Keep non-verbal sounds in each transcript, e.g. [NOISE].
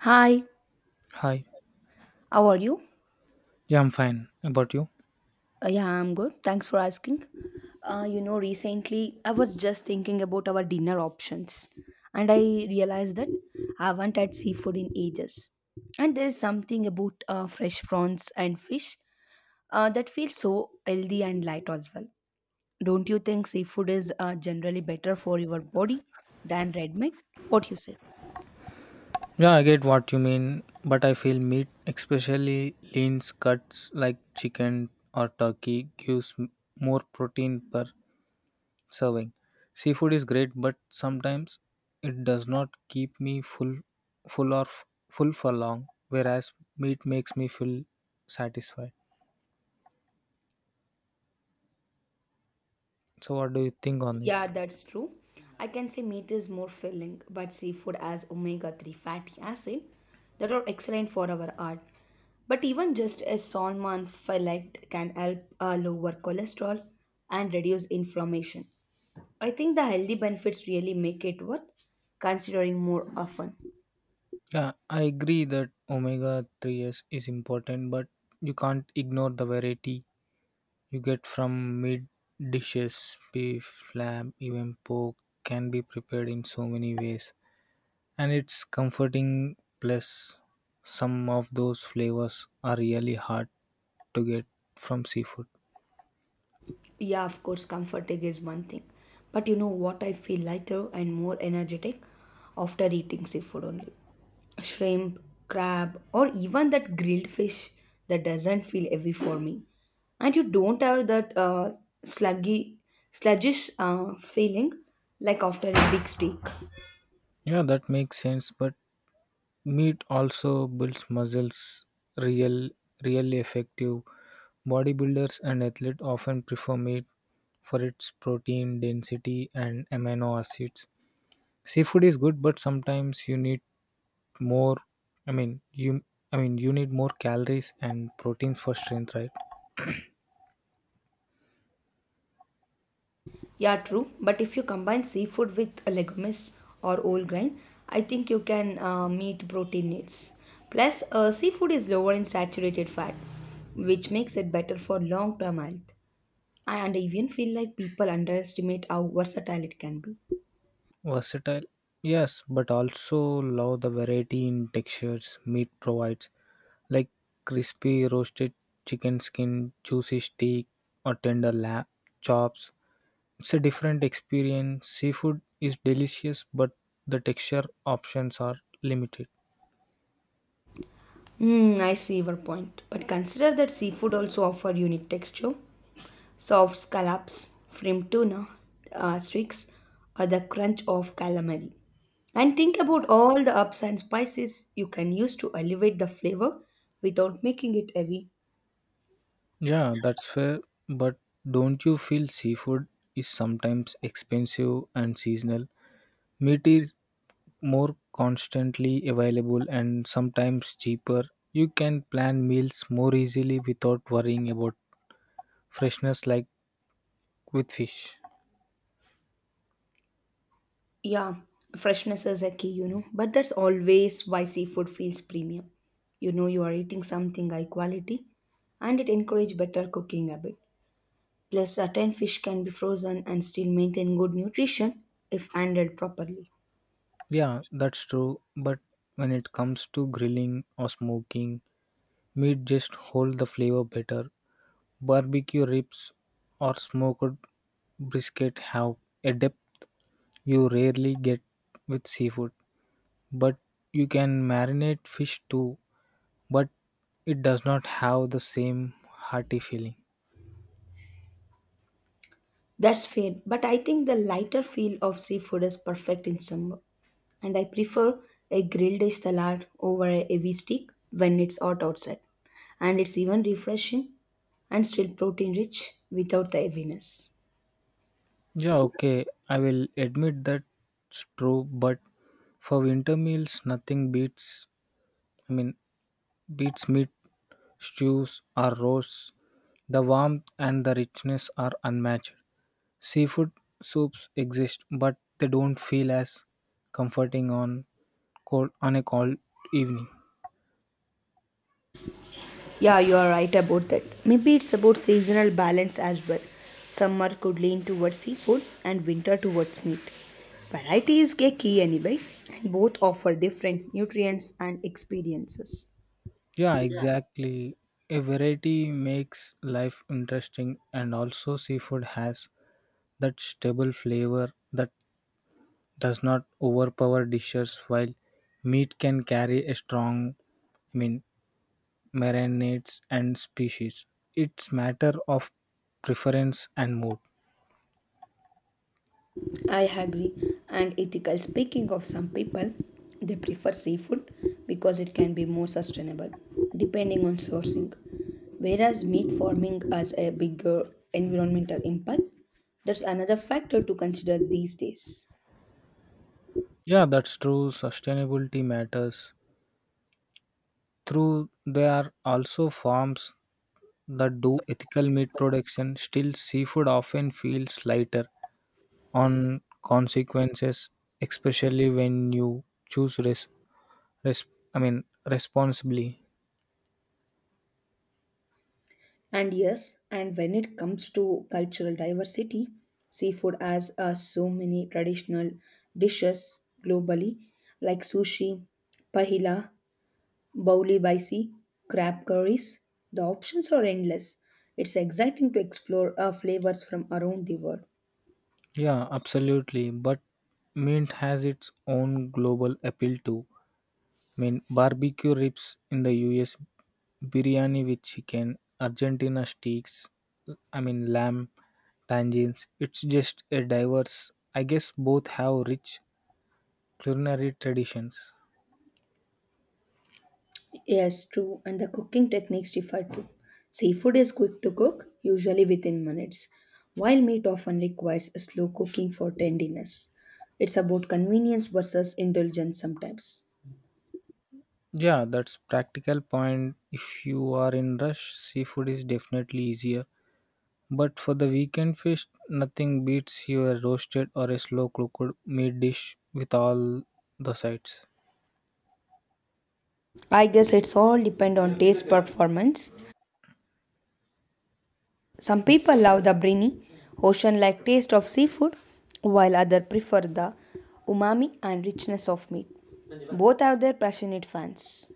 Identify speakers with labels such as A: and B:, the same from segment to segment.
A: Hi,
B: Hi.
A: how are you?
B: Yeah, I'm fine. About you?
A: Yeah, I'm good. Thanks for asking. Recently I was just thinking about our dinner options, and I realized that I haven't had seafood in ages. And there is something about fresh prawns and fish that feels so healthy and light as well. Don't you think seafood is generally better for your body than red meat? What you say?
B: Yeah, I get what you mean, but I feel meat, especially lean cuts like chicken or turkey, gives more protein per serving. Seafood is great, but sometimes it does not keep me full, full or f- full for long. Whereas meat makes me feel satisfied. So, what do you think on
A: Yeah,
B: this?
A: that's true. I can say meat is more filling, but seafood has omega-3 fatty acid that are excellent for our heart. But even just a salmon fillet can help lower cholesterol and reduce inflammation. I think the healthy benefits really make it worth considering more often.
B: Yeah, I agree that omega 3s is important, but you can't ignore the variety you get from meat dishes. Beef, lamb, even pork can be prepared in so many ways. And it's comforting, plus, some of those flavors are really hard to get from seafood.
A: Yeah, of course, comforting is one thing. But you know what? I feel lighter and more energetic after eating seafood only. Shrimp, crab, or even that grilled fish that doesn't feel heavy for me. And you don't have that sluggy, sluggish feeling like after a big steak.
B: Yeah, that makes sense, but meat also builds muscles. Real, Really effective bodybuilders and athletes often prefer meat for its protein density and amino acids. Seafood is good, but sometimes you need more. I mean, you. I mean, you need more calories and proteins for strength, right?
A: Yeah, true. But if you combine seafood with legumes or whole grain, I think you can meet protein needs. Plus, seafood is lower in saturated fat, which makes it better for long term health. And I even feel like people underestimate how versatile it can be.
B: Versatile, yes, but also love the variety in textures meat provides, like crispy roasted chicken skin, juicy steak, or tender lamb chops. It's a different experience. Seafood is delicious, but the texture options are limited.
A: I see your point. But consider that seafood also offer unique texture. Soft scallops, framed tuna, streaks, or the crunch of calamari. And think about all the ups and spices you can use to elevate the flavor without making it heavy.
B: Yeah, that's fair, but don't you feel seafood is sometimes expensive and seasonal? Meat is more constantly available and sometimes cheaper. You can plan meals more easily without worrying about freshness like with fish.
A: Yeah, freshness is a key, you know. But that's always why seafood feels premium. You know you are eating something high quality and it encourages better cooking habit. Plus, certain fish can be frozen and still maintain good nutrition if handled properly.
B: Yeah, that's true, but when it comes to grilling or smoking, meat just hold the flavor better. Barbecue ribs or smoked brisket have a depth you rarely get with seafood, but you can marinate fish too, but it does not have the same hearty feeling.
A: That's fair, but I think the lighter feel of seafood is perfect in summer, and I prefer a grilled dish salad over a heavy steak when it's hot outside. And it's even refreshing and still protein rich without the heaviness.
B: Yeah, okay. I will admit that's true, but for winter meals, nothing beats, I mean, beats meat, stews, or roasts. The warmth and the richness are unmatched. Seafood soups exist, but they don't feel as comforting on cold on a cold evening.
A: Yeah, you are right about that. Maybe it's about seasonal balance as well. Summer could lean towards seafood and winter towards meat. Variety is a key anyway, and both offer different nutrients and experiences.
B: Yeah, exactly. A variety makes life interesting, and also seafood has that stable flavor that does not overpower dishes while meat can carry a strong I mean marinades and species. It's matter of preference and mood.
A: I agree. And ethical speaking of some people, they prefer seafood because it can be more sustainable, depending on sourcing. Whereas meat farming has a bigger environmental impact, that's another factor to consider these days.
B: Yeah, that's true. Sustainability matters. Through there are also farms that do ethical meat production, still seafood often feels lighter on consequences, especially when you choose res I mean responsibly.
A: And yes, and when it comes to cultural diversity, seafood has so many traditional dishes globally, like sushi, pahila, bauli baisi, crab curries. The options are endless. It's exciting to explore flavors from around the world.
B: Yeah, absolutely. But mint has its own global appeal too. Barbecue ribs in the US, biryani with chicken, Argentina steaks, lamb, tangines. It's just a diverse. I guess both have rich culinary traditions.
A: Yes, true, and the cooking techniques differ too. Seafood is quick to cook, usually within minutes, while meat often requires slow cooking for tenderness. It's about convenience versus indulgence sometimes.
B: Yeah, that's practical point. If you are in rush, seafood is definitely easier. But for the weekend feast, nothing beats your roasted or a slow cooked meat dish with all the sides.
A: I guess it's all depend on taste performance. Some people love the briny, ocean-like taste of seafood, while others prefer the umami and richness of meat. Both have their passionate fans.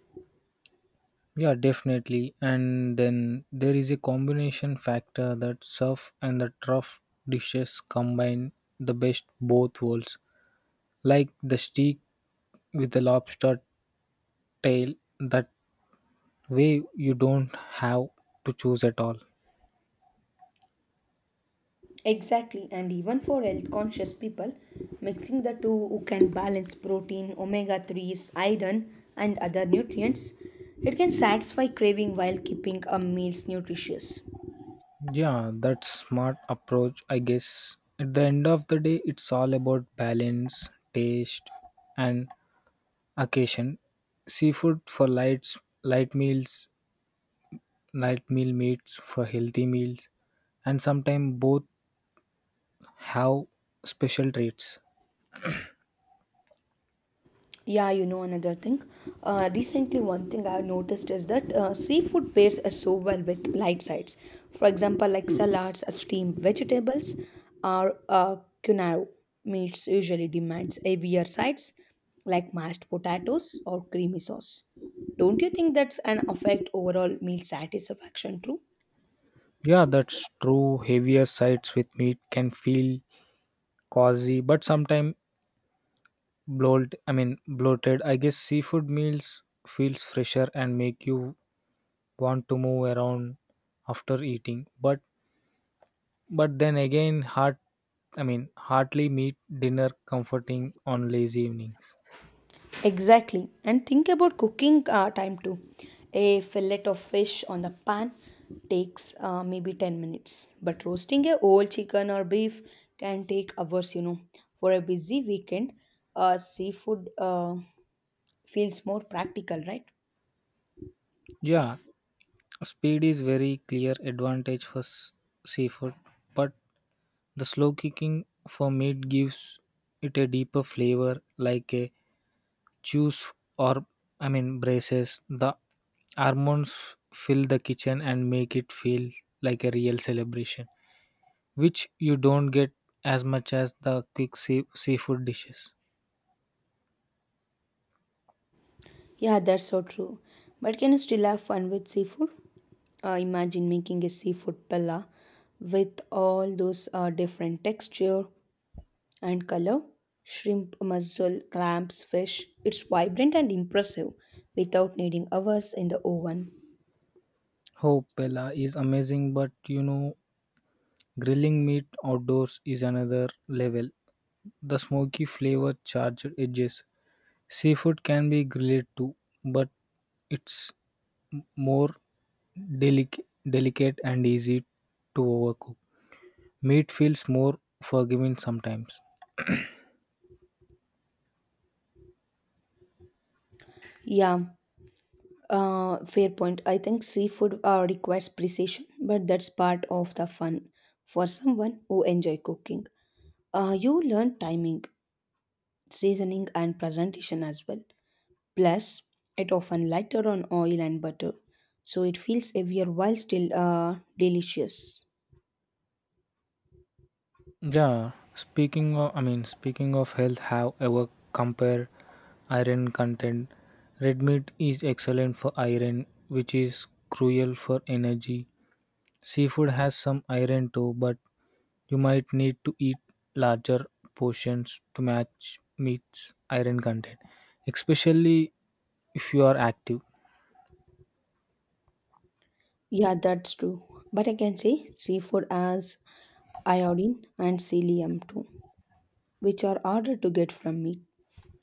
B: Yeah, definitely. And then there is a combination factor that surf and the trough dishes combine the best both worlds, like the steak with the lobster tail. That way, you don't have to choose at all.
A: Exactly, and even for health conscious people, mixing the two who can balance protein, omega 3s, iron, and other nutrients, it can satisfy craving while keeping a meals nutritious.
B: Yeah, that's smart approach, I guess. At the end of the day, it's all about balance, taste, and occasion. Seafood for lights, light meals, light meal meats for healthy meals, and sometimes both have special treats.
A: Yeah, you know another thing. Recently, one thing I've noticed is that seafood pairs so well with light sides. For example, like salads, steamed vegetables, or quinoa meats usually demands heavier sides like mashed potatoes or creamy sauce. Don't you think that's an affect overall meal satisfaction too?
B: Yeah, that's true. Heavier sides with meat can feel cozy, but sometimes bloated. I guess seafood meals feels fresher and make you want to move around after eating, but then again hardly meet dinner comforting on lazy evenings.
A: Exactly. And think about cooking time too. A fillet of fish on the pan takes maybe 10 minutes, but roasting a whole chicken or beef can take hours, you know. For a busy weekend, seafood feels more practical, right?
B: Yeah, speed is very clear advantage for seafood, but the slow cooking for meat gives it a deeper flavor, like a juice or I mean braces the almonds fill the kitchen and make it feel like a real celebration which you don't get as much as the quick seafood dishes.
A: Yeah, that's so true. But can you still have fun with seafood? Imagine making a seafood pella with all those different texture and color shrimp, mussel, clams, fish. It's vibrant and impressive without needing hours in the oven.
B: Oh, Pella is amazing, but you know, grilling meat outdoors is another level. The smoky flavor charged edges. Seafood can be grilled too, but it's m- more delic- delicate and easy to overcook. Meat feels more forgiving sometimes.
A: Yeah, fair point. I think seafood requires precision, but that's part of the fun for someone who enjoy cooking. You learn timing, seasoning, and presentation as well. Plus, it often lighter on oil and butter, so it feels heavier while still delicious.
B: Yeah, speaking of health, have ever compare iron content. Red meat is excellent for iron, which is cruel for energy. Seafood has some iron too, but you might need to eat larger portions to match meat's iron content, especially if you are active.
A: Yeah, that's true. But I can say seafood as iodine and selenium too, which are harder to get from meat.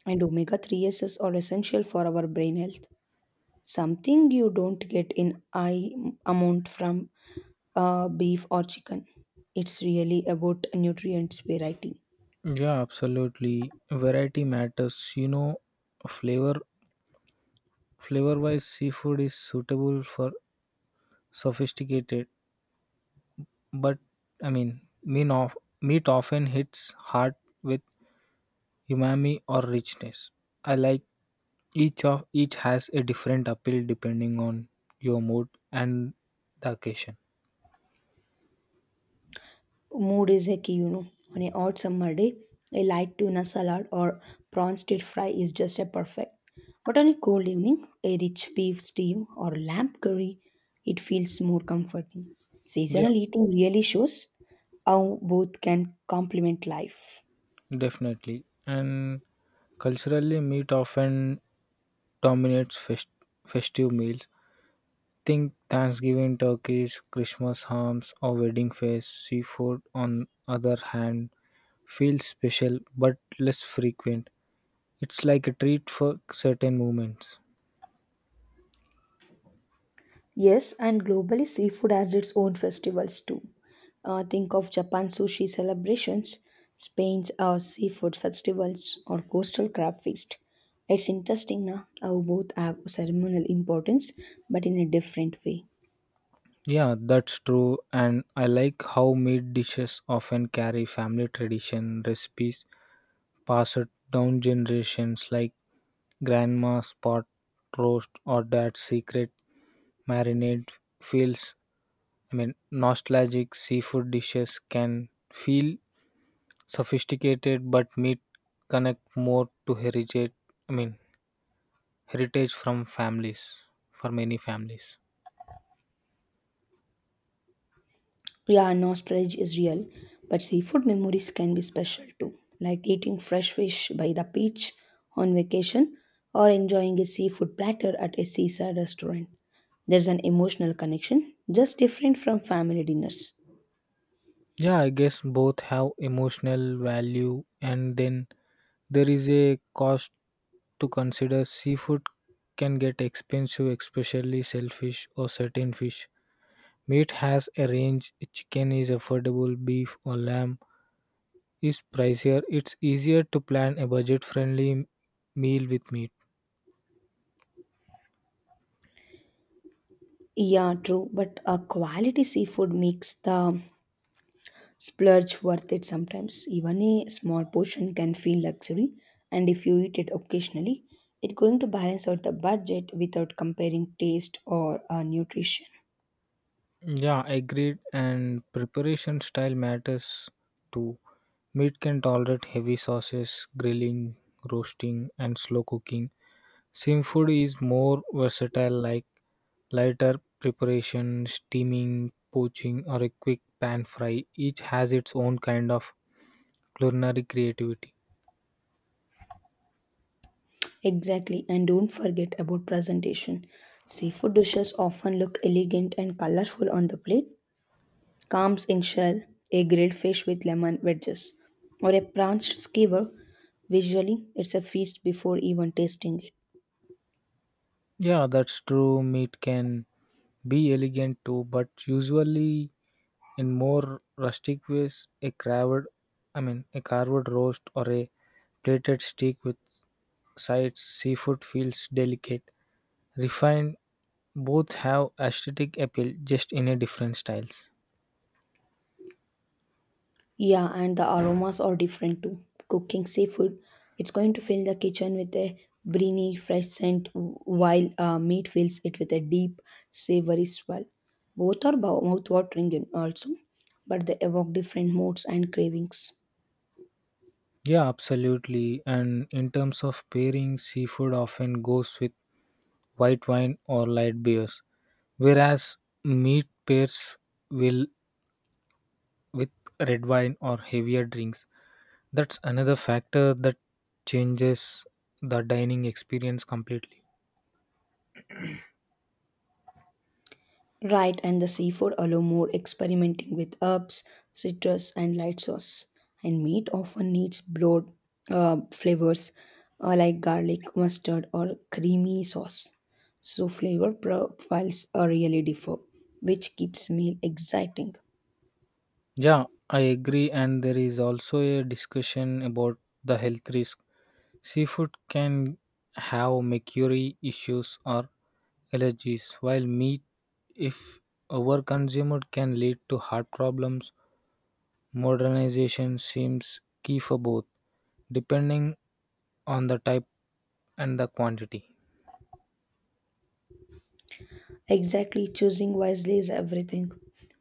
A: And omega 3s are essential for our brain health, something you don't get in high amount from beef or chicken. It's really about nutrients variety.
B: Yeah, absolutely. Variety matters. You know, flavor flavor wise seafood is suitable for sophisticated, but meat often hits hard with umami or richness. I like each has a different appeal depending on your mood and the occasion.
A: Mood is a key, you know. On a hot summer day, a light tuna salad or prawn stir fry is just a perfect. But on a cold evening, a rich beef stew or lamb curry, it feels more comforting.
B: Yeah,
A: Seasonal eating really shows how both can complement life.
B: definitely. And culturally, meat often dominates festive meals. Think Thanksgiving turkeys, Christmas hams, or wedding feasts. Seafood, on other hand, feels special but less frequent. It's like a treat for certain moments.
A: Yes, and globally, seafood has its own festivals too. Think of Japan's sushi celebrations, Spain's seafood festivals, or coastal crab feast. It's interesting na, how both have ceremonial importance, but in a different way.
B: Yeah, that's true, and I like how meat dishes often carry family tradition recipes passed down generations, like grandma's pot roast or dad's secret marinade feels I mean nostalgic seafood dishes can feel sophisticated, but meat connect more to heritage I mean heritage for many families.
A: Yeah, nostalgia is real, but seafood memories can be special too, like eating fresh fish by the beach on vacation or enjoying a seafood platter at a seaside restaurant. There's an emotional connection, just different from family dinners.
B: Yeah, I guess both have emotional value, and then there is a cost to consider. Seafood can get expensive, especially shellfish or certain fish. Meat has a range, chicken is affordable, beef or lamb is pricier. It's easier to plan a budget friendly meal with meat.
A: Yeah, true, but a quality seafood makes the splurge worth it sometimes. Even a small portion can feel luxury, and if you eat it occasionally, it's going to balance out the budget without comparing taste or nutrition.
B: Yeah, agreed, and preparation style matters too. Meat can tolerate heavy sauces, grilling, roasting, and slow cooking. Seafood is more versatile, like lighter preparation, steaming, poaching, or a quick pan fry. Each has its own kind of culinary creativity.
A: Exactly, and don't forget about presentation. Seafood dishes often look elegant and colorful on the plate. Clams in shell, a grilled fish with lemon wedges, or a prawn skewer. Visually, it's a feast before even tasting it.
B: Yeah, that's true. Meat can be elegant too, but usually in more rustic ways, a carved roast or a plated steak with sides, seafood feels delicate refined, both have aesthetic appeal just in a different styles.
A: Yeah, and the aromas are different too. Cooking seafood, it's going to fill the kitchen with a briny, fresh scent, while meat fills it with a deep, savory swell. Both are mouth watering also, but they evoke different moods and cravings.
B: Yeah, absolutely, and in terms of pairing seafood often goes with white wine or light beers, whereas meat pairs will with red wine or heavier drinks. That's another factor that changes the dining experience completely.
A: Right, and the seafood allow more experimenting with herbs, citrus, and light sauce. And meat often needs broad flavors like garlic, mustard, or creamy sauce. So flavor profiles are really differ, which keeps meal exciting.
B: Yeah, I agree, and there is also a discussion about the health risk. Seafood can have mercury issues or allergies, while meat, if overconsumed, can lead to heart problems. Modernization seems key for both, depending on the type and the quantity.
A: Exactly, choosing wisely is everything.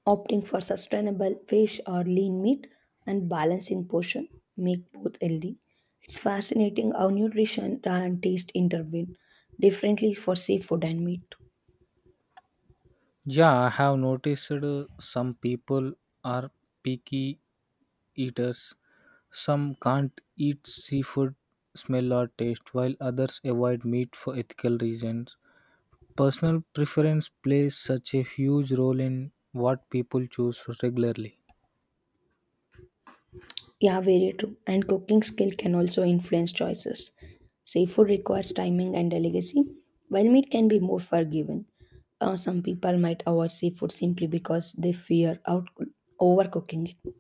A: Opting for sustainable fish or lean meat and balancing portion make both healthy. It's fascinating how nutrition and taste intervene differently for seafood and meat.
B: Yeah, I have noticed some people are picky eaters. Some can't eat seafood smell or taste, while others avoid meat for ethical reasons. Personal preference plays such a huge role in what people choose regularly.
A: Yeah, very true. And cooking skill can also influence choices. Seafood requires timing and delicacy, while meat can be more forgiving. Some people might avoid seafood simply because they fear out overcooking it.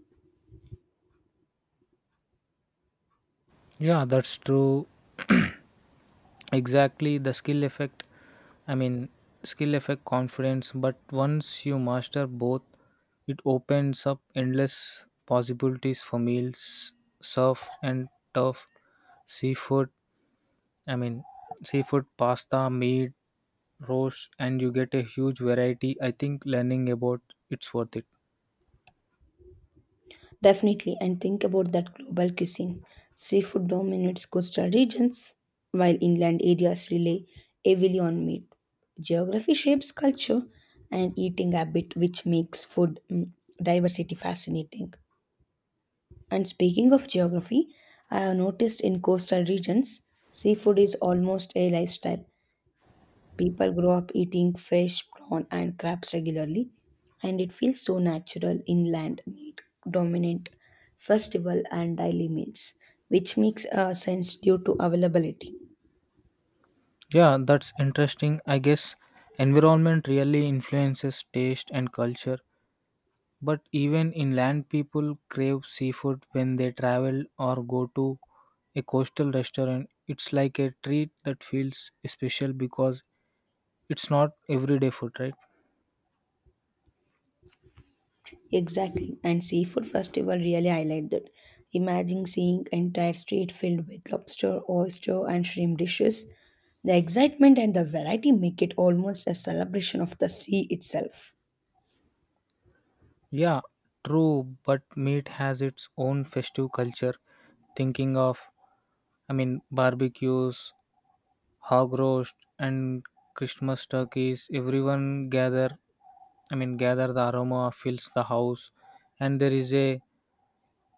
B: Yeah, that's true. [CLEARS THROAT] Exactly the skill effect. I mean, Skill effect confidence, but once you master both, it opens up endless possibilities for meals, surf and turf, seafood. I mean, Seafood, pasta, meat, roast, and you get a huge variety. I think learning about it's worth it.
A: Definitely, and think about that global cuisine. Seafood dominates coastal regions, while inland areas rely heavily on meat. Geography shapes culture and eating habit, which makes food diversity fascinating. And speaking of geography, I have noticed in coastal regions, seafood is almost a lifestyle. People grow up eating fish, prawn, and crabs regularly, and it feels so natural inland meat dominant festival and daily meals, which makes sense due to availability.
B: Yeah, that's interesting. I guess environment really influences taste and culture. But even inland people crave seafood when they travel or go to a coastal restaurant. It's like a treat that feels special because it's not everyday food, right?
A: Exactly, and seafood festival really highlight that. Imagine seeing entire street filled with lobster, oyster, and shrimp dishes. The excitement and the variety make it almost a celebration of the sea itself.
B: Yeah, true, but meat has its own festive culture. Thinking of, I mean, Barbecues, hog roast, and Christmas turkeys, everyone gather I mean, gather the aroma fills the house, and there is a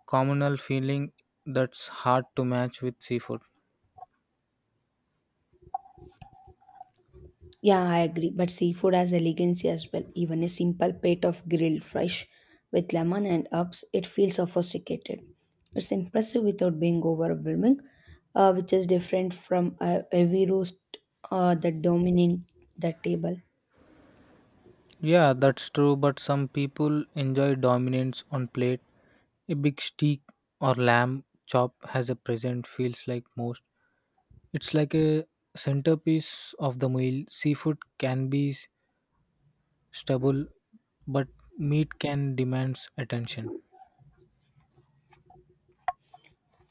B: communal feeling that's hard to match with seafood.
A: Yeah, I agree. But seafood has elegance as well. Even a simple plate of grilled fish with lemon and herbs, it feels sophisticated. It's impressive without being overwhelming, which is different from a heavy roast that dominate the table.
B: Yeah, that's true, but some people enjoy dominance on plate. A big steak or lamb chop has a present feels like most. It's like a centerpiece of the meal. Seafood can be stable, but meat can demands attention.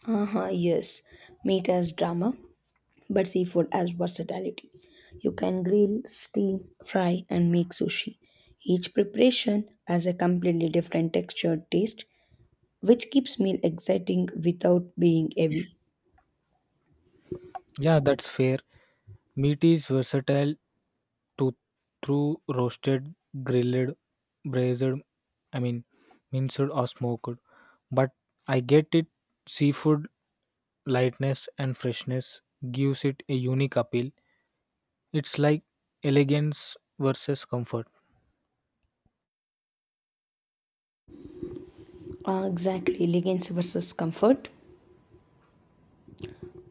A: Uh-huh, yes. Meat has drama, but seafood has versatility. You can grill, steam, fry, and make sushi. Each preparation has a completely different texture, taste, which keeps meal exciting without being heavy.
B: Yeah, that's fair. Meat is versatile to through roasted, grilled, braised, I mean minced or smoked. But I get it, seafood lightness and freshness gives it a unique appeal. It's like elegance versus comfort.
A: Ah, exactly, leggings versus comfort.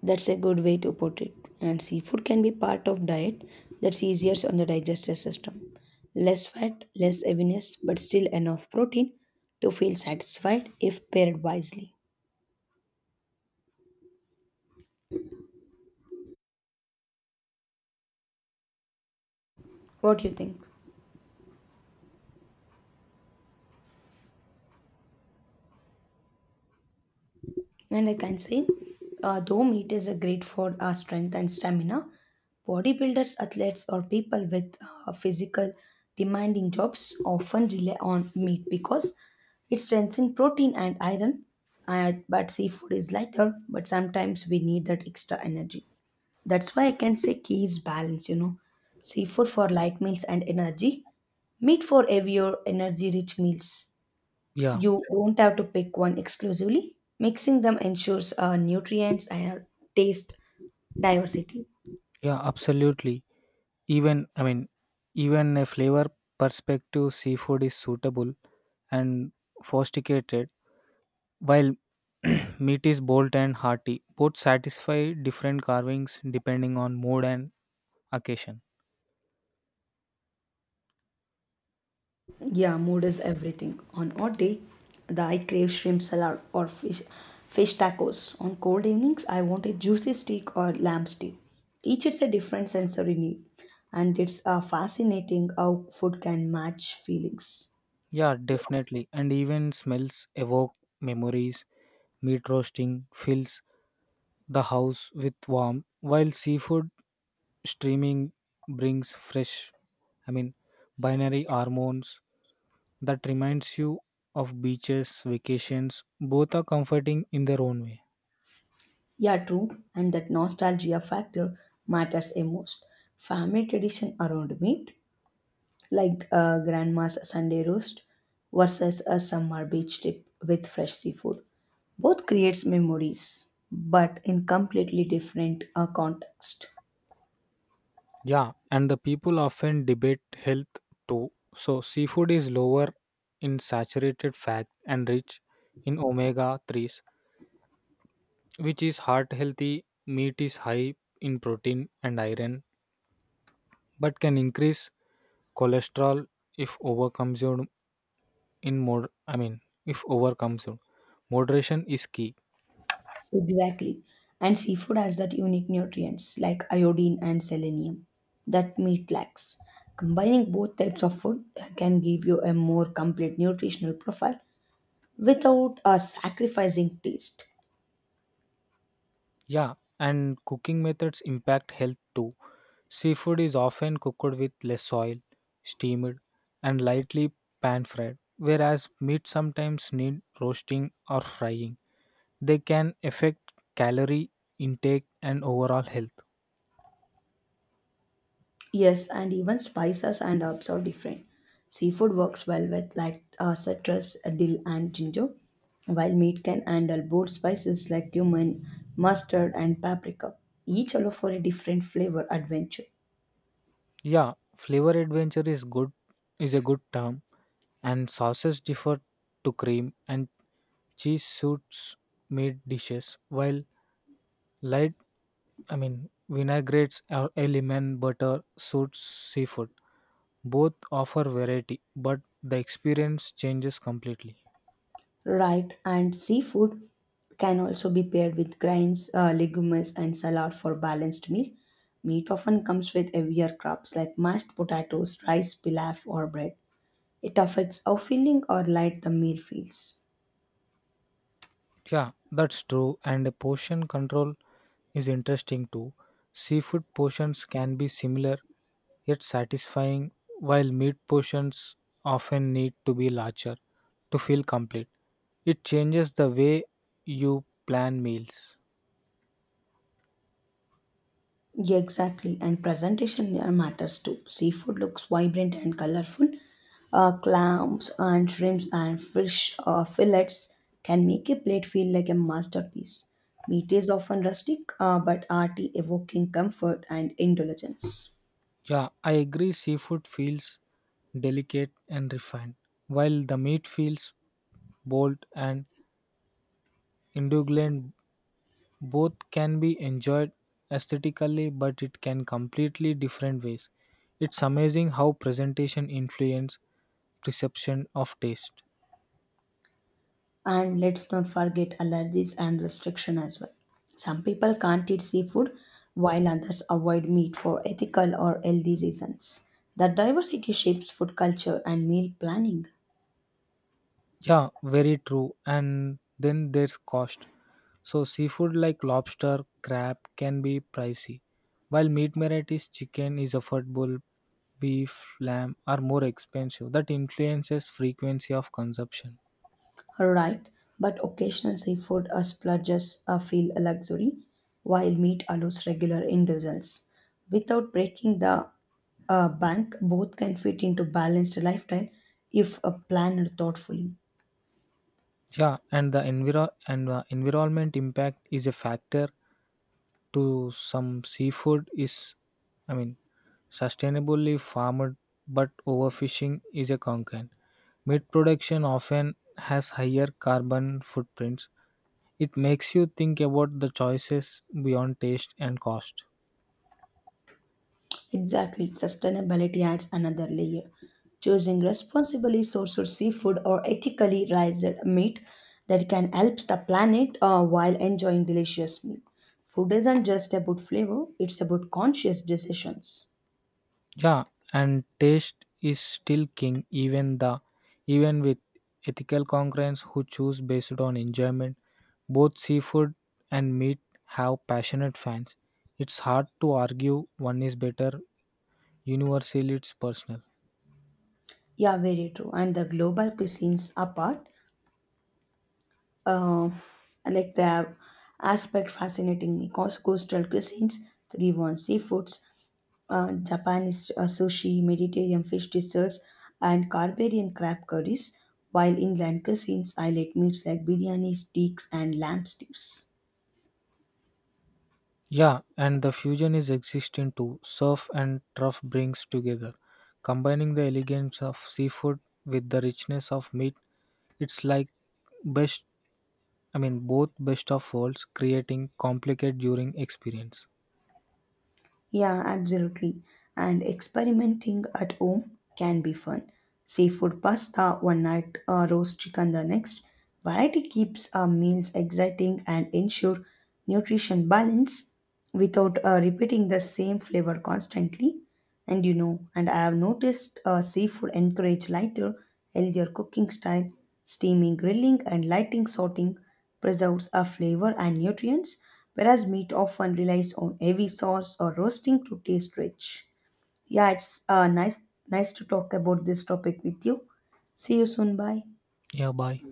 A: That's a good way to put it. And seafood can be part of diet that's easier on the digestive system. Less fat, less heaviness, but still enough protein to feel satisfied if paired wisely. What do you think? And I can say, though meat is a great for our strength and stamina, bodybuilders, athletes, or people with physical demanding jobs often rely on meat because it's dense in protein and iron. But seafood is lighter, but sometimes we need that extra energy. That's why I can say key is balance, you know. Seafood for light meals and energy, meat for heavier, energy rich meals.
B: Yeah,
A: You don't have to pick one exclusively. Mixing them ensures nutrients and taste diversity.
B: yeah, absolutely. Even I mean Even a flavor perspective seafood is suitable and sophisticated. While [CLEARS THROAT] meat is bold and hearty, both satisfy different carvings depending on mood and occasion.
A: Yeah, mood is everything. On hot day, the I crave shrimp salad or fish tacos. On cold evenings, I want a juicy steak or lamb steak. Each it's a different sensory need, and it's fascinating how food can match feelings.
B: Yeah, definitely. And even smells evoke memories. Meat roasting fills the house with warmth, while seafood streaming brings I mean, binary hormones that reminds you of beaches, vacations. Both are comforting in their own way.
A: Yeah, true, and that nostalgia factor matters a most. Family tradition around meat like grandma's Sunday roast versus a summer beach trip with fresh seafood. Both creates memories, but in completely different context.
B: Yeah, and the people often debate health too. So, seafood is lower in saturated fat and rich in omega 3s, which is heart healthy. Meat is high in protein and iron, but can increase cholesterol if overconsumed in mod. I mean, if overconsumed. Moderation is key.
A: Exactly. And seafood has that unique nutrients like iodine and selenium that meat lacks. Combining both types of food can give you a more complete nutritional profile without sacrificing taste.
B: Yeah, and cooking methods impact health too. Seafood is often cooked with less oil, steamed, and lightly pan fried, whereas meat sometimes need roasting or frying. They can affect calorie intake and overall health.
A: Yes, and even spices and herbs are different. Seafood works well with like citrus, dill, and ginger, while meat can handle both spices like cumin, mustard, and paprika, each allow for a different flavor adventure.
B: Yeah, flavor adventure is good is a good term, and sauces differ to cream and cheese suits meat dishes, while light vinaigrettes, element, butter, suits seafood. Both offer variety, but the experience changes completely.
A: Right, and seafood can also be paired with grains, legumes, and salad for balanced meal. Meat often comes with heavier crops like mashed potatoes, rice, pilaf, or bread. It affects how filling or light the meal feels.
B: Yeah, that's true. And the portion control is interesting too. Seafood portions can be similar yet satisfying, while meat portions often need to be larger to feel complete. It changes the way you plan meals.
A: Yeah, exactly. And presentation here matters too. Seafood looks vibrant and colorful. Clams and shrimps and fish fillets can make a plate feel like a masterpiece. Meat is often rustic but arty, evoking comfort and indulgence.
B: Yeah, I agree. Seafood feels delicate and refined, while the meat feels Bolt and indulgent, both can be enjoyed aesthetically but it can completely different ways. It's amazing how presentation influence perception of taste.
A: And let's not forget allergies and restriction as well. Some people can't eat seafood while others avoid meat for ethical or healthy reasons. That diversity shapes food culture and meal planning.
B: Yeah, very true, and then there's cost. So seafood like lobster crab can be pricey, while meat varieties chicken is affordable, beef lamb are more expensive. That influences frequency of consumption.
A: Right, but occasional seafood or splurges feel a luxury, while meat allows regular indulgence. Without breaking the bank, both can fit into balanced lifestyle if planned thoughtfully.
B: Yeah, and the environment impact is a factor to some seafood is I mean sustainably farmed but overfishing is a concern. Meat production often has higher carbon footprints. It makes you think about the choices beyond taste and cost.
A: Exactly, sustainability adds another layer. Choosing responsibly sourced seafood or ethically raised meat that can help the planet while enjoying delicious meat. Food isn't just about flavor; it's about conscious decisions.
B: Yeah, and taste is still king, even with ethical concerns who choose based on enjoyment. Both seafood and meat have passionate fans. It's hard to argue one is better. Universally, it's personal.
A: Yeah, very true. And the global cuisines apart, uh, like the aspect fascinating me. Cause coastal cuisines, 3-1 seafoods, Japanese sushi, Mediterranean fish desserts, and Caribbean crab curries. While inland cuisines highlight meats like biryani, steaks, and lamb stews.
B: Yeah, and the fusion is existing too. Surf and turf brings together, combining the elegance of seafood with the richness of meat. It's like best, both best of worlds, creating complicated during experience.
A: Yeah, absolutely. And experimenting at home can be fun. Seafood pasta one night, roast chicken the next. Variety keeps our meals exciting and ensure nutrition balance without repeating the same flavor constantly. And you know, and I have noticed seafood encourage lighter, healthier cooking style. Steaming, grilling, and lighting sorting preserves a flavor and nutrients, whereas meat often relies on heavy sauce or roasting to taste rich. Yeah, it's nice to talk about this topic with you. See you soon. Bye.
B: Yeah, bye.